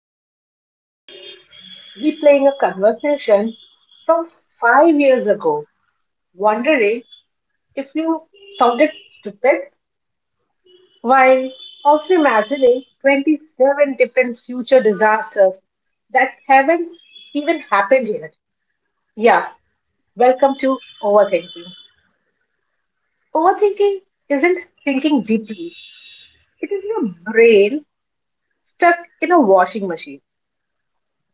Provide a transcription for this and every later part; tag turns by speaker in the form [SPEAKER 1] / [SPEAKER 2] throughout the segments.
[SPEAKER 1] bed at 2 a.m., replaying a conversation from 5 years ago, wondering if you sounded stupid, while also imagining 27 different future disasters that haven't even happened yet? Yeah, welcome to overthinking. Overthinking isn't thinking deeply, it is your brain stuck in a washing machine.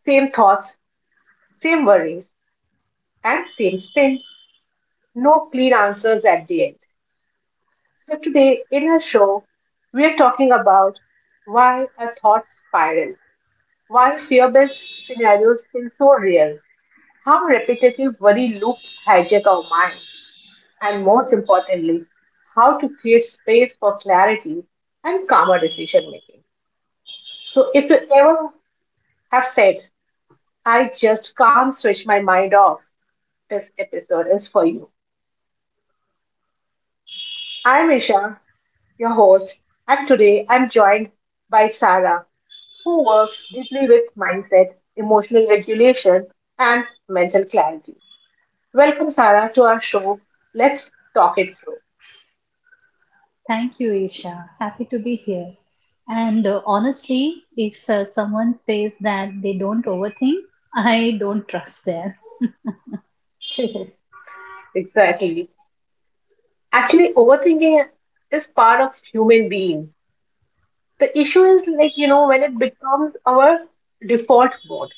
[SPEAKER 1] Same thoughts, same worries, and same spin no clean answers at the end. So, today in our show, we are talking about why our thoughts spiral, why fear based scenarios feel so real, how repetitive worry loops hijack our mind, and most importantly, how to create space for clarity and calmer decision making. So, if you ever have said, I just can't switch my mind off, this episode is for you. I'm Isha, your host, and today I'm joined by Sarah, who works deeply with mindset, emotional regulation, and mental clarity. Welcome, Sarah, to our show. Let's talk it through.
[SPEAKER 2] Thank you, Isha. Happy to be here. And honestly, if someone says that they don't overthink, I don't trust them.
[SPEAKER 1] Exactly. Actually, overthinking is part of human being. The issue is like, you know, when it becomes our default mode.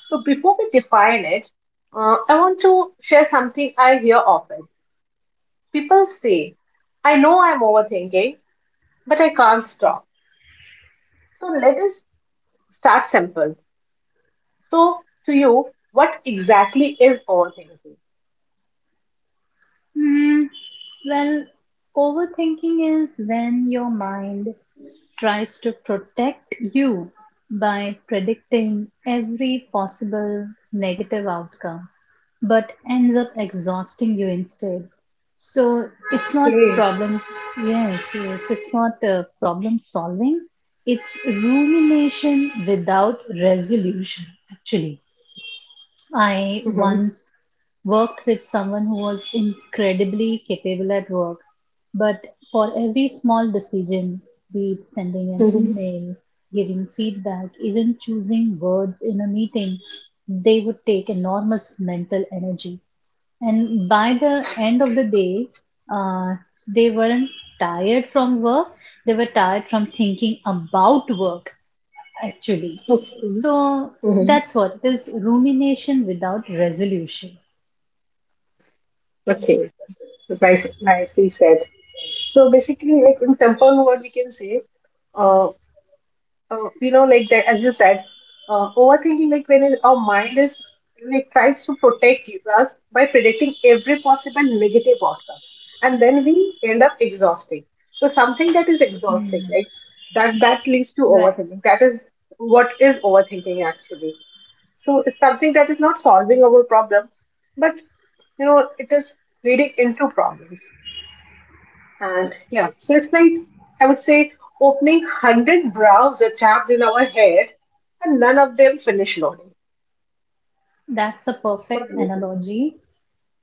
[SPEAKER 1] So before we define it, I want to share something I hear often. People say, I know I'm overthinking, but I can't stop. So let us start simple. So, to you, what exactly is overthinking?
[SPEAKER 2] Hmm. Well, overthinking is when your mind tries to protect you by predicting every possible negative outcome, but ends up exhausting you instead. So it's not
[SPEAKER 1] Okay.
[SPEAKER 2] problem. Yes, yes, it's not problem solving. It's rumination without resolution. Actually, I
[SPEAKER 1] Mhm.
[SPEAKER 2] once worked with someone who was incredibly capable at work, but for every small decision, be it sending an
[SPEAKER 1] Mhm.
[SPEAKER 2] email, giving feedback, even choosing words in a meeting, they would take enormous mental energy. And by the end of the day, uh, they weren't tired from work, they were tired from thinking about work, actually.
[SPEAKER 1] Mhm.
[SPEAKER 2] So
[SPEAKER 1] Mhm.
[SPEAKER 2] that's what it is rumination without resolution.
[SPEAKER 1] Okay. Nice, nicely said. So basically, like in simple word, we can say, uh, you know, like that, as you said, overthinking, like our mind is like tries to protect us by predicting every possible negative outcome, and then we end up exhausting. So something that is exhausting, like that leads to
[SPEAKER 2] Right.
[SPEAKER 1] overthinking. That is what is overthinking actually. So it's something that is not solving our problem, but you know, it is leading into problems. And yeah, so it's like I would say opening 100 browser tabs in our head and none of them finish loading.
[SPEAKER 2] That's a
[SPEAKER 1] What
[SPEAKER 2] perfect
[SPEAKER 1] do you
[SPEAKER 2] analogy.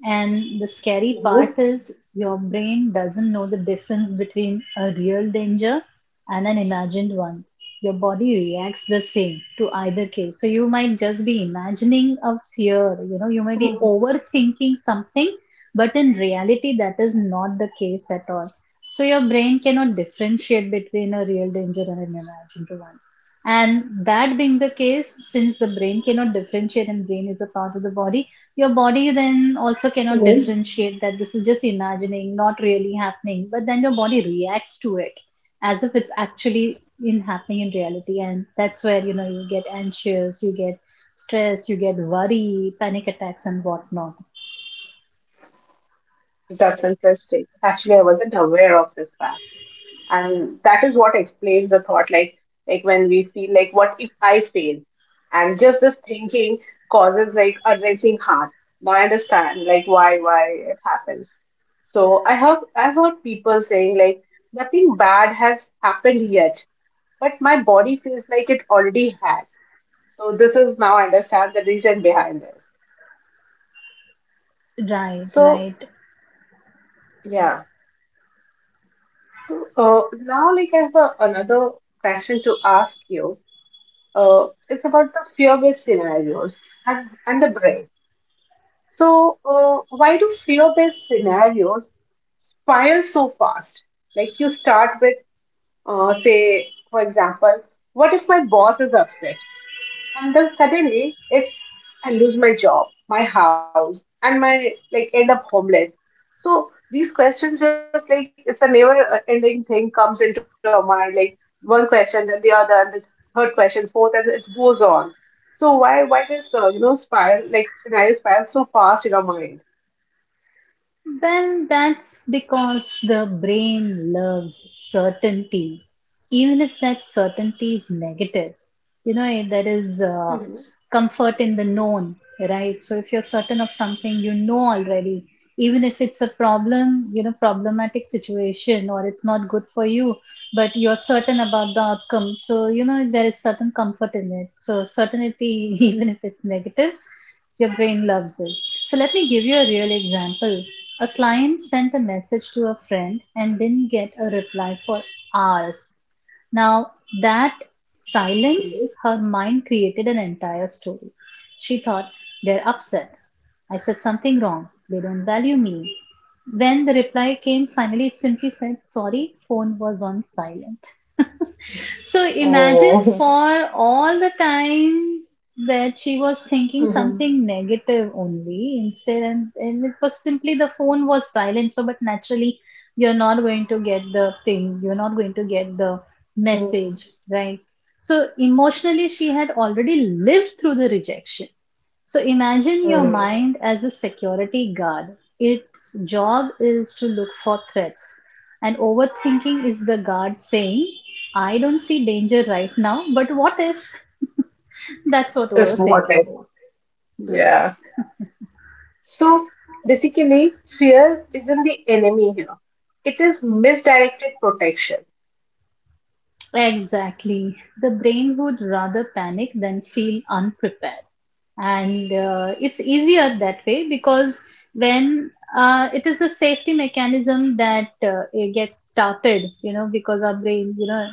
[SPEAKER 2] And the scary
[SPEAKER 1] think?
[SPEAKER 2] part is your brain doesn't know the difference between a real danger and an imagined one. Your body reacts the same to either case. So you might just be imagining a fear, you may be overthinking something, but in reality, that is not the case at all. So your brain cannot differentiate between a real danger and an imagined one. And that being the case, since the brain cannot differentiate and brain is a part of the body, your body then also
[SPEAKER 1] Hmm.
[SPEAKER 2] cannot differentiate that this is just imagining, not really happening. But then your body reacts to it as if it's actually in happening in reality, and that's where you know you get anxious, you get stress, you get worry, panic attacks, and whatnot.
[SPEAKER 1] That's interesting. Actually, I wasn't aware of this fact. And that is what explains the thought, like when we feel like what if I fail, and just this thinking causes like a racing heart. Now I understand like why it happens. So I heard people saying like nothing bad has happened yet, but my body feels like it already has. So this is now I understand the reason behind this.
[SPEAKER 2] Right,
[SPEAKER 1] So
[SPEAKER 2] right.
[SPEAKER 1] yeah, so now like I have a, another question to ask you. It's about the fear-based scenarios and the brain. So, why do fear-based scenarios spiral so fast? Like you start with, say, for example, what if my boss is upset? And then suddenly, if I lose my job, my house, and my like end up homeless. So these questions just like it's a never ending thing comes into our mind, like one question, then the other, and the third question, fourth, and it goes on. So why this you know spiral like scenario spiral so fast in our mind?
[SPEAKER 2] Well, that's because the brain loves certainty, even if that certainty is negative. There is
[SPEAKER 1] hmm.
[SPEAKER 2] comfort in the known, right? So if you're certain of something you know already, even if it's a problem, problematic situation or it's not good for you, but you're certain about the outcome. So, there is certain comfort in it. So certainty, even if it's negative, your brain loves it. So let me give you a real example. A client sent a message to a friend and didn't get a reply for hours. Now, that
[SPEAKER 1] Okay.
[SPEAKER 2] silence, her mind created an entire story. She thought, they're upset. I said something wrong. They don't value me. When the reply came, finally it simply said, sorry, phone was on silent. So imagine
[SPEAKER 1] Oh.
[SPEAKER 2] for all the time that she was thinking
[SPEAKER 1] hmm.
[SPEAKER 2] something negative only instead and it was simply the phone was silent. So but naturally you're not going to get the ping, you're not going to get the message, right? So emotionally she had already lived through the rejection. So imagine your mind as a security guard. Its job is to look for threats. And overthinking is the guard saying, I don't see danger right now, but what if? That's what
[SPEAKER 1] It's more.
[SPEAKER 2] overthinking is. Yes,
[SPEAKER 1] Yeah. So basically, fear isn't the enemy here. It is misdirected protection.
[SPEAKER 2] exactly. The brain would rather panic than feel unprepared. And it's easier that way because when it is a safety mechanism that it gets started, because our brain, you know,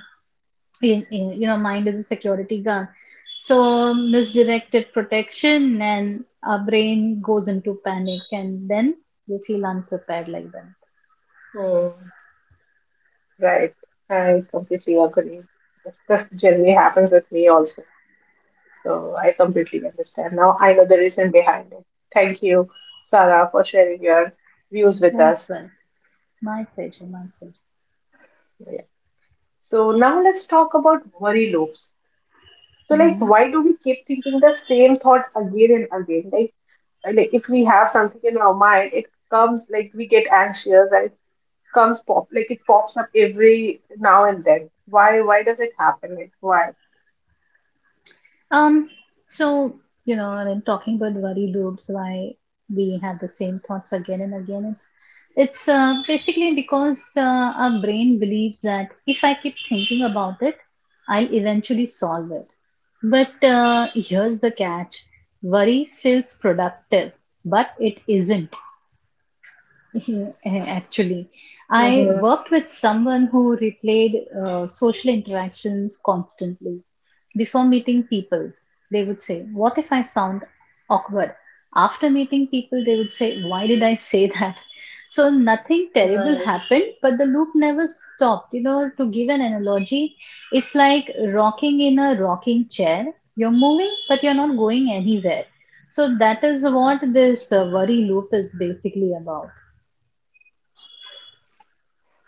[SPEAKER 2] in you know mind is a security guard. So misdirected protection and our brain goes into panic and then you feel unprepared like that.
[SPEAKER 1] Hmm. Right. I completely agree. This generally happens with me also. So I completely understand. Now I know the reason behind it. Thank you, Sarah, for sharing your views with
[SPEAKER 2] Oh,
[SPEAKER 1] us.
[SPEAKER 2] swell. My pleasure, my pleasure.
[SPEAKER 1] Yeah. So now let's talk about worry loops. So like
[SPEAKER 2] Mhm.
[SPEAKER 1] why do we keep thinking the same thought again and again? Like if we have something in our mind, it comes like we get anxious and it comes pop like it pops up every now and then. Why does it happen? Like why?
[SPEAKER 2] Um, so, talking about worry loops, why we have the same thoughts again and again, it's basically because our brain believes that if I keep thinking about it, I'll eventually solve it. But here's the catch: worry feels productive, but it isn't. Actually, I
[SPEAKER 1] Hmm.
[SPEAKER 2] worked with someone who replayed social interactions constantly. Before meeting people, they would say, What if I sound awkward? After meeting people, they would say, Why did I say that? So nothing terrible
[SPEAKER 1] Right,
[SPEAKER 2] happened, but the loop never stopped. You know, to give an analogy, it's like rocking in a rocking chair. You're moving, but you're not going anywhere. So that is what this worry loop is basically about.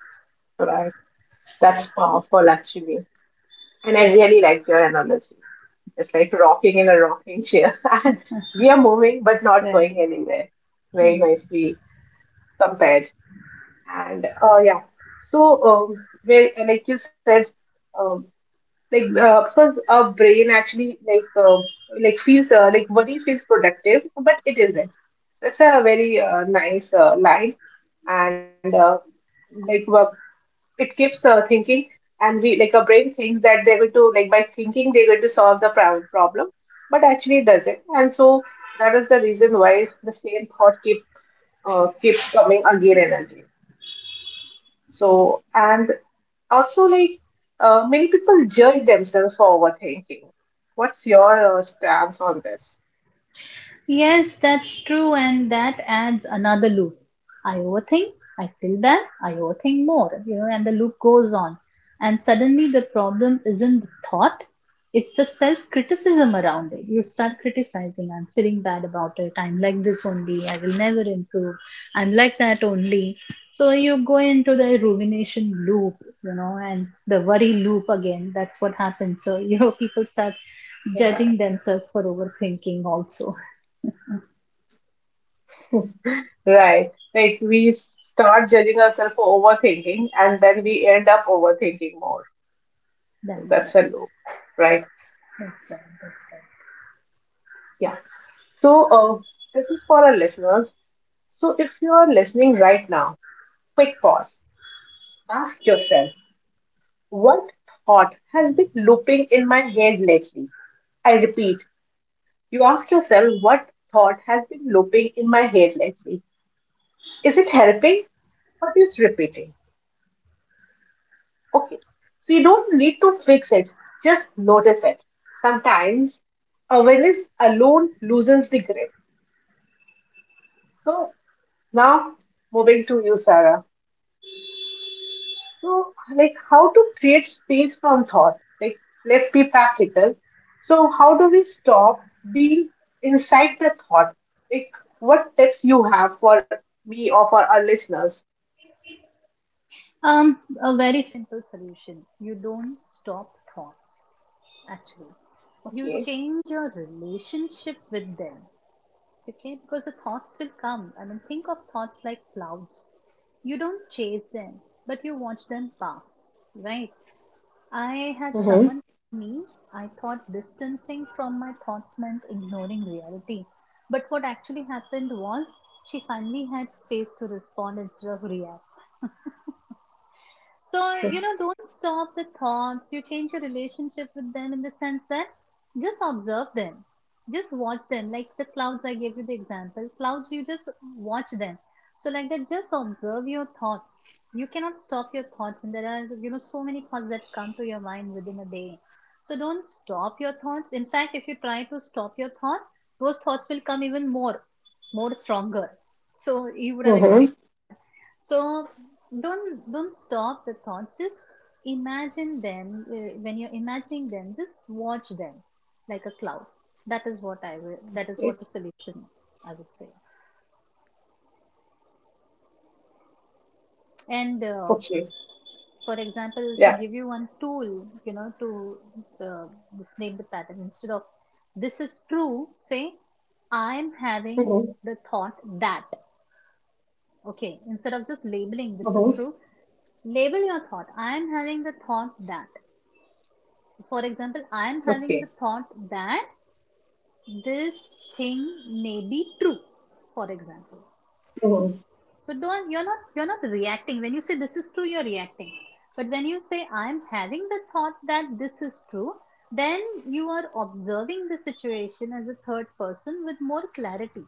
[SPEAKER 1] right. That's powerful actually. And I really like your analogy. It's like rocking in a rocking chair. we are moving but not going
[SPEAKER 2] Right.
[SPEAKER 1] anywhere. Very nicely compared. And yeah. So where like you said um. Because our brain actually like feels like worry feels productive, but it isn't. That's a very nice line, and like wo- it keeps thinking, and we like our brain thinks that they're going to like by thinking they're going to solve the problem, but actually it doesn't, and so that is the reason why the same thought keeps coming again and again. So and also, like many people judge themselves for overthinking. What's your stance on this?
[SPEAKER 2] Yes, that's true, and that adds another loop. I overthink, I feel bad, I overthink more, you know, and the loop goes on. And suddenly the problem isn't the thought, it's the self criticism around it. You start criticizing, I'm feeling bad about it, I'm like this only, I will never improve, I'm like that only. So you go into the rumination loop, you know, and the worry loop again. That's what happens. So, you know, people start
[SPEAKER 1] Yeah.
[SPEAKER 2] judging themselves for overthinking also.
[SPEAKER 1] Right. Like we start judging ourselves for overthinking, and then we end up overthinking more. So
[SPEAKER 2] That's
[SPEAKER 1] that's
[SPEAKER 2] right.
[SPEAKER 1] a loop, right?
[SPEAKER 2] That's right. That's right.
[SPEAKER 1] Yeah. So this is for our listeners. So if you are listening right now, quick pause. Ask yourself, what thought has been looping in my head lately? I repeat, you ask yourself what thought has been looping in my head lately. Is it helping or is it repeating? Okay. So you don't need to fix it, just notice it. Sometimes awareness alone loosens the grip. So now moving to you, Sarah. So like how to create space from thought. Like let's be practical. So how do we stop being inside the thought? Like what tips you have for me or for our listeners?
[SPEAKER 2] Um, a very simple solution. You don't stop thoughts, actually. You
[SPEAKER 1] Okay.
[SPEAKER 2] change your relationship with them, okay? Because the thoughts will come. I mean, think of thoughts like clouds. You don't chase them, but you watch them pass, right? I had
[SPEAKER 1] Mm-hmm.
[SPEAKER 2] someone tell me I thought distancing from my thoughts meant ignoring reality. But what actually happened was she finally had space to respond instead of react. So, you know, don't stop the thoughts. You change your relationship with them in the sense that just observe them. Just watch them. Like the clouds, I gave you the example. Clouds, you just watch them. So, like that, just observe your thoughts. You cannot stop your thoughts. And there are, you know, so many thoughts that come to your mind within a day. So, don't stop your thoughts. In fact, if you try to stop your thought, those thoughts will come even more, more stronger. So, you would have
[SPEAKER 1] Mm-hmm.
[SPEAKER 2] experienced. So don't stop the thoughts. Just imagine them. When you're imagining them, just watch them like a cloud. That is what I will. That is
[SPEAKER 1] Okay.
[SPEAKER 2] what a solution I would say. And
[SPEAKER 1] Okay.
[SPEAKER 2] for example, to give
[SPEAKER 1] Yeah.
[SPEAKER 2] you one tool, you know, to uh, just name the pattern instead of this is true. Say I'm having
[SPEAKER 1] Mm-hmm.
[SPEAKER 2] the thought that. Okay, instead of just labeling this is true,
[SPEAKER 1] Mm-hmm.
[SPEAKER 2] label your thought. I am having the thought that. For example, I am having
[SPEAKER 1] Okay.
[SPEAKER 2] the thought that this thing may be true. For example,
[SPEAKER 1] Mm-hmm.
[SPEAKER 2] so don't you're not reacting when you say this is true. You're reacting, but when you say I am having the thought that this is true, then you are observing the situation as a third person with more clarity.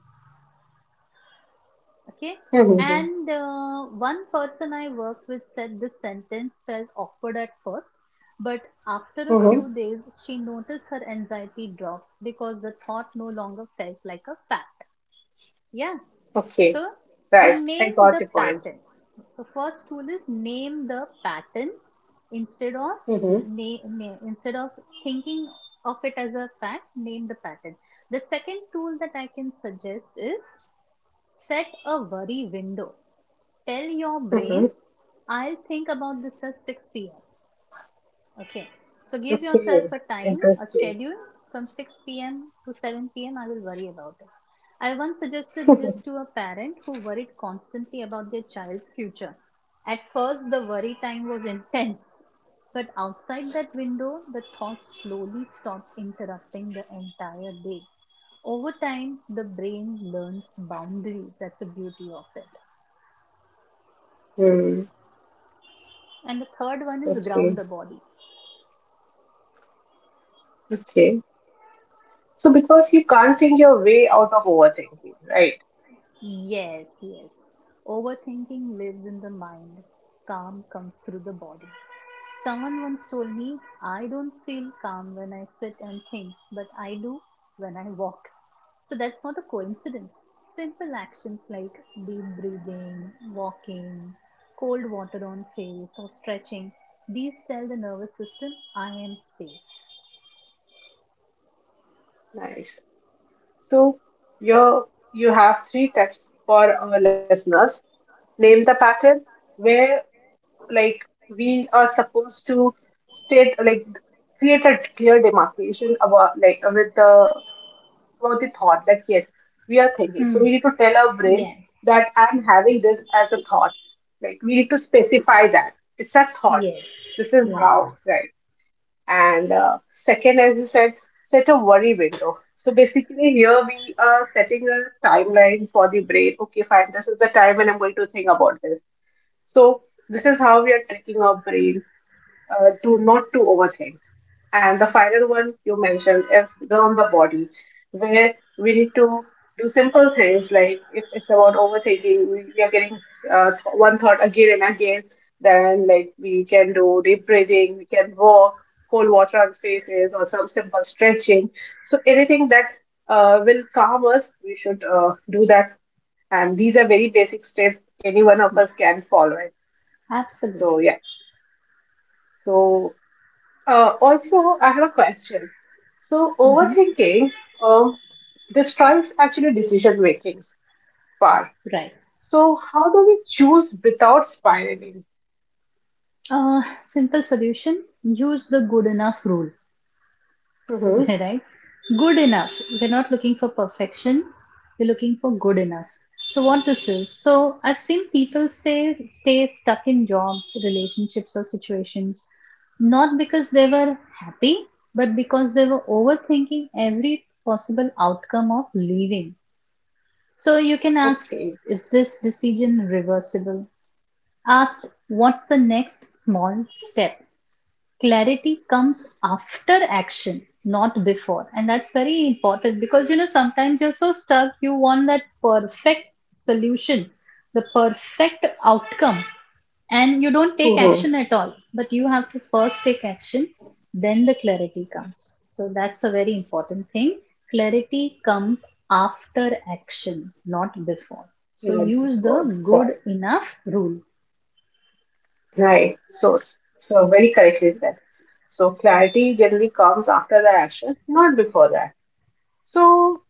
[SPEAKER 2] Okay.
[SPEAKER 1] Mm-hmm.
[SPEAKER 2] And one person I worked with said this sentence felt awkward at first, but after a few
[SPEAKER 1] Mm-hmm.
[SPEAKER 2] days, she noticed her anxiety dropped because the thought no longer felt like a fact. Yeah.
[SPEAKER 1] Okay.
[SPEAKER 2] So you
[SPEAKER 1] Right. I
[SPEAKER 2] name
[SPEAKER 1] got
[SPEAKER 2] the
[SPEAKER 1] your point.
[SPEAKER 2] pattern. So, first tool is name the pattern instead of
[SPEAKER 1] Mm-hmm.
[SPEAKER 2] na- na- instead of thinking of it as a fact. Name the pattern. The second tool that I can suggest is set a worry window. Tell your brain,
[SPEAKER 1] Mm-hmm.
[SPEAKER 2] I'll think about this at 6 p.m. Okay. So give yourself
[SPEAKER 1] Okay.
[SPEAKER 2] a time, a
[SPEAKER 1] Interesting.
[SPEAKER 2] schedule from 6 p.m. to 7 p.m. I will worry about it. I once suggested this to a parent who worried constantly about their child's future. At first, the worry time was intense, but outside that window, the thoughts slowly stopped interrupting the entire day. Over time, the brain learns boundaries. That's the beauty of it.
[SPEAKER 1] Hmm.
[SPEAKER 2] And the third one is ground
[SPEAKER 1] Okay.
[SPEAKER 2] the body.
[SPEAKER 1] Okay. So because you can't think your way out of overthinking, right?
[SPEAKER 2] Yes, yes. Overthinking lives in the mind, calm comes through the body. Someone once told me, I don't feel calm when I sit and think, but I do when I walk. So that's not a coincidence. Simple actions like deep breathing, walking, cold water on face, or stretching, these tell the nervous system I am safe.
[SPEAKER 1] Nice. So you have three tips for our listeners. Name the pattern. Where like we are supposed to state like create a clear demarcation about like with the about the thought that yes we are thinking, so
[SPEAKER 2] Hmm.
[SPEAKER 1] we need to tell our brain
[SPEAKER 2] Yes,
[SPEAKER 1] that I'm having this as a thought, like we need to specify that it's a thought.
[SPEAKER 2] yes,
[SPEAKER 1] This is
[SPEAKER 2] right,
[SPEAKER 1] how, right? And second, as you said, set a worry window. So basically here we are setting a timeline for the brain. Okay, fine, this is the time when I'm going to think about this. So this is how we are tricking our brain to not to overthink. And the final one you mentioned is on the body, where we need to do simple things like if it's about overthinking, we are getting one thought again and again. Then like we can do deep breathing, we can walk, cold water on faces, or some simple stretching. So anything that will calm us, we should do that. And these are very basic steps any one of us can
[SPEAKER 2] yes,
[SPEAKER 1] follow it. So
[SPEAKER 2] absolutely.
[SPEAKER 1] yeah. So also, I have a question. So,
[SPEAKER 2] Mhm.
[SPEAKER 1] overthinking um, destroys actually decision making part.
[SPEAKER 2] Right.
[SPEAKER 1] So, how do we choose without spiraling?
[SPEAKER 2] Simple solution use the good enough rule,
[SPEAKER 1] Mm-hmm.
[SPEAKER 2] right? Good enough. We're not looking for perfection, we're looking for good enough. So, what this is so, I've seen people say stay stuck in jobs, relationships, or situations not because they were happy, but because they were overthinking every possible outcome of leaving. So, you can ask
[SPEAKER 1] Okay.
[SPEAKER 2] is this decision reversible? Ask what's the next small step? Clarity comes after action, not before, and that's very important because you know sometimes you're so stuck you want that perfect solution, the perfect outcome, and you don't take
[SPEAKER 1] Mm-hmm.
[SPEAKER 2] action at all, but you have to first take action, then the clarity comes. So that's a very important thing. Clarity comes after action, not before. So
[SPEAKER 1] Not
[SPEAKER 2] use the
[SPEAKER 1] before. Right.
[SPEAKER 2] good enough rule.
[SPEAKER 1] Right. So, so very correctly said. So, clarity generally comes after the action, not before that. So,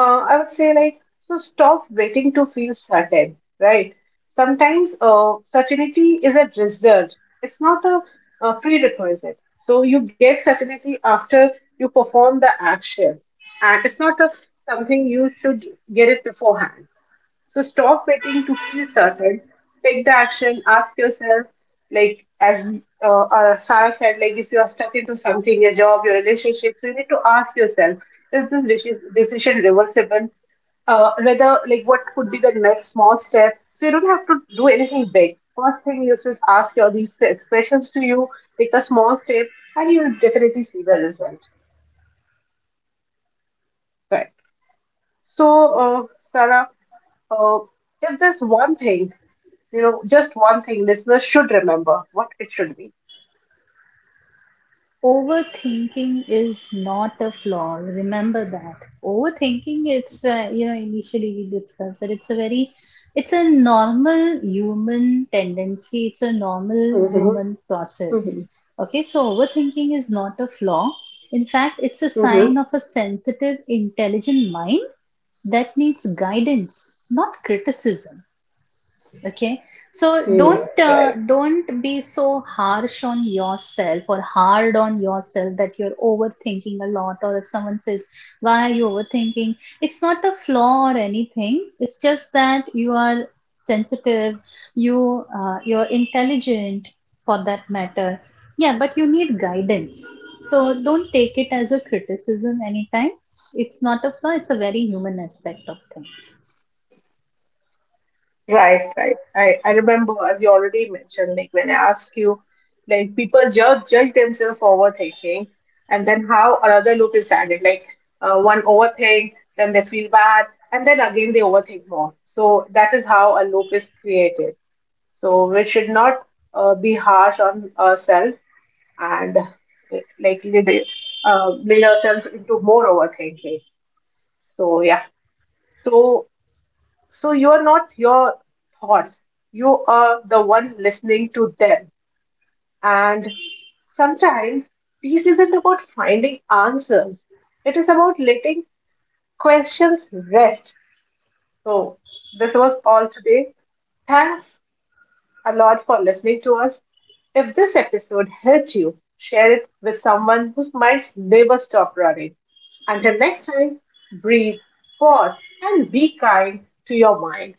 [SPEAKER 1] I would say like so stop waiting to feel certain, right? Sometimes certainty is a result. It's not a, a prerequisite. So you get certainty after you perform the action, and it's not a, something you should get it beforehand. So stop waiting to feel certain. Take the action. Ask yourself, like as Sarah said, like if you are stuck into something, your job, your relationship, so you need to ask yourself, is this decision reversible? Whether like what could be the next small step? So you don't have to do anything big. First thing you should ask your these questions to you. Take a small step, and you'll definitely see the result. Right. So, Sarah. So just one thing, you know, just one thing listeners should remember what it should be.
[SPEAKER 2] Overthinking is not a flaw. Remember that. Overthinking, it's, you know, initially we discussed that it's a very, it's a normal human tendency. It's a normal
[SPEAKER 1] Mm-hmm.
[SPEAKER 2] human process.
[SPEAKER 1] Mm-hmm.
[SPEAKER 2] Okay, so overthinking is not a flaw. In fact, it's a sign of
[SPEAKER 1] Mm-hmm.
[SPEAKER 2] a sensitive, intelligent mind that needs guidance, not criticism, okay?
[SPEAKER 1] Mm.
[SPEAKER 2] So
[SPEAKER 1] Right,
[SPEAKER 2] don't be so harsh on yourself or hard on yourself that you're overthinking a lot, or if someone says why are you overthinking, it's not a flaw or anything. It's just that you are sensitive, you're intelligent, for that matter, yeah, but you need guidance. So don't take it as a criticism anytime. It's not a flaw, it's a very human aspect of things.
[SPEAKER 1] right. I remember as you already mentioned, like when I asked you, like people judge themselves for overthinking, and then how another loop is added. Like one overthink, then they feel bad, and then again they overthink more. So that is how a loop is created. So we should not be harsh on ourselves and lead ourselves into more overthinking. So yeah, so so you're not your thoughts. You are the one listening to them, and sometimes peace isn't about finding answers. It is about letting questions rest. So this was all today. Thanks a lot for listening to us. If this episode helped you, share it with someone who might never stop running. Until next time, breathe, pause, and be kind to your mind.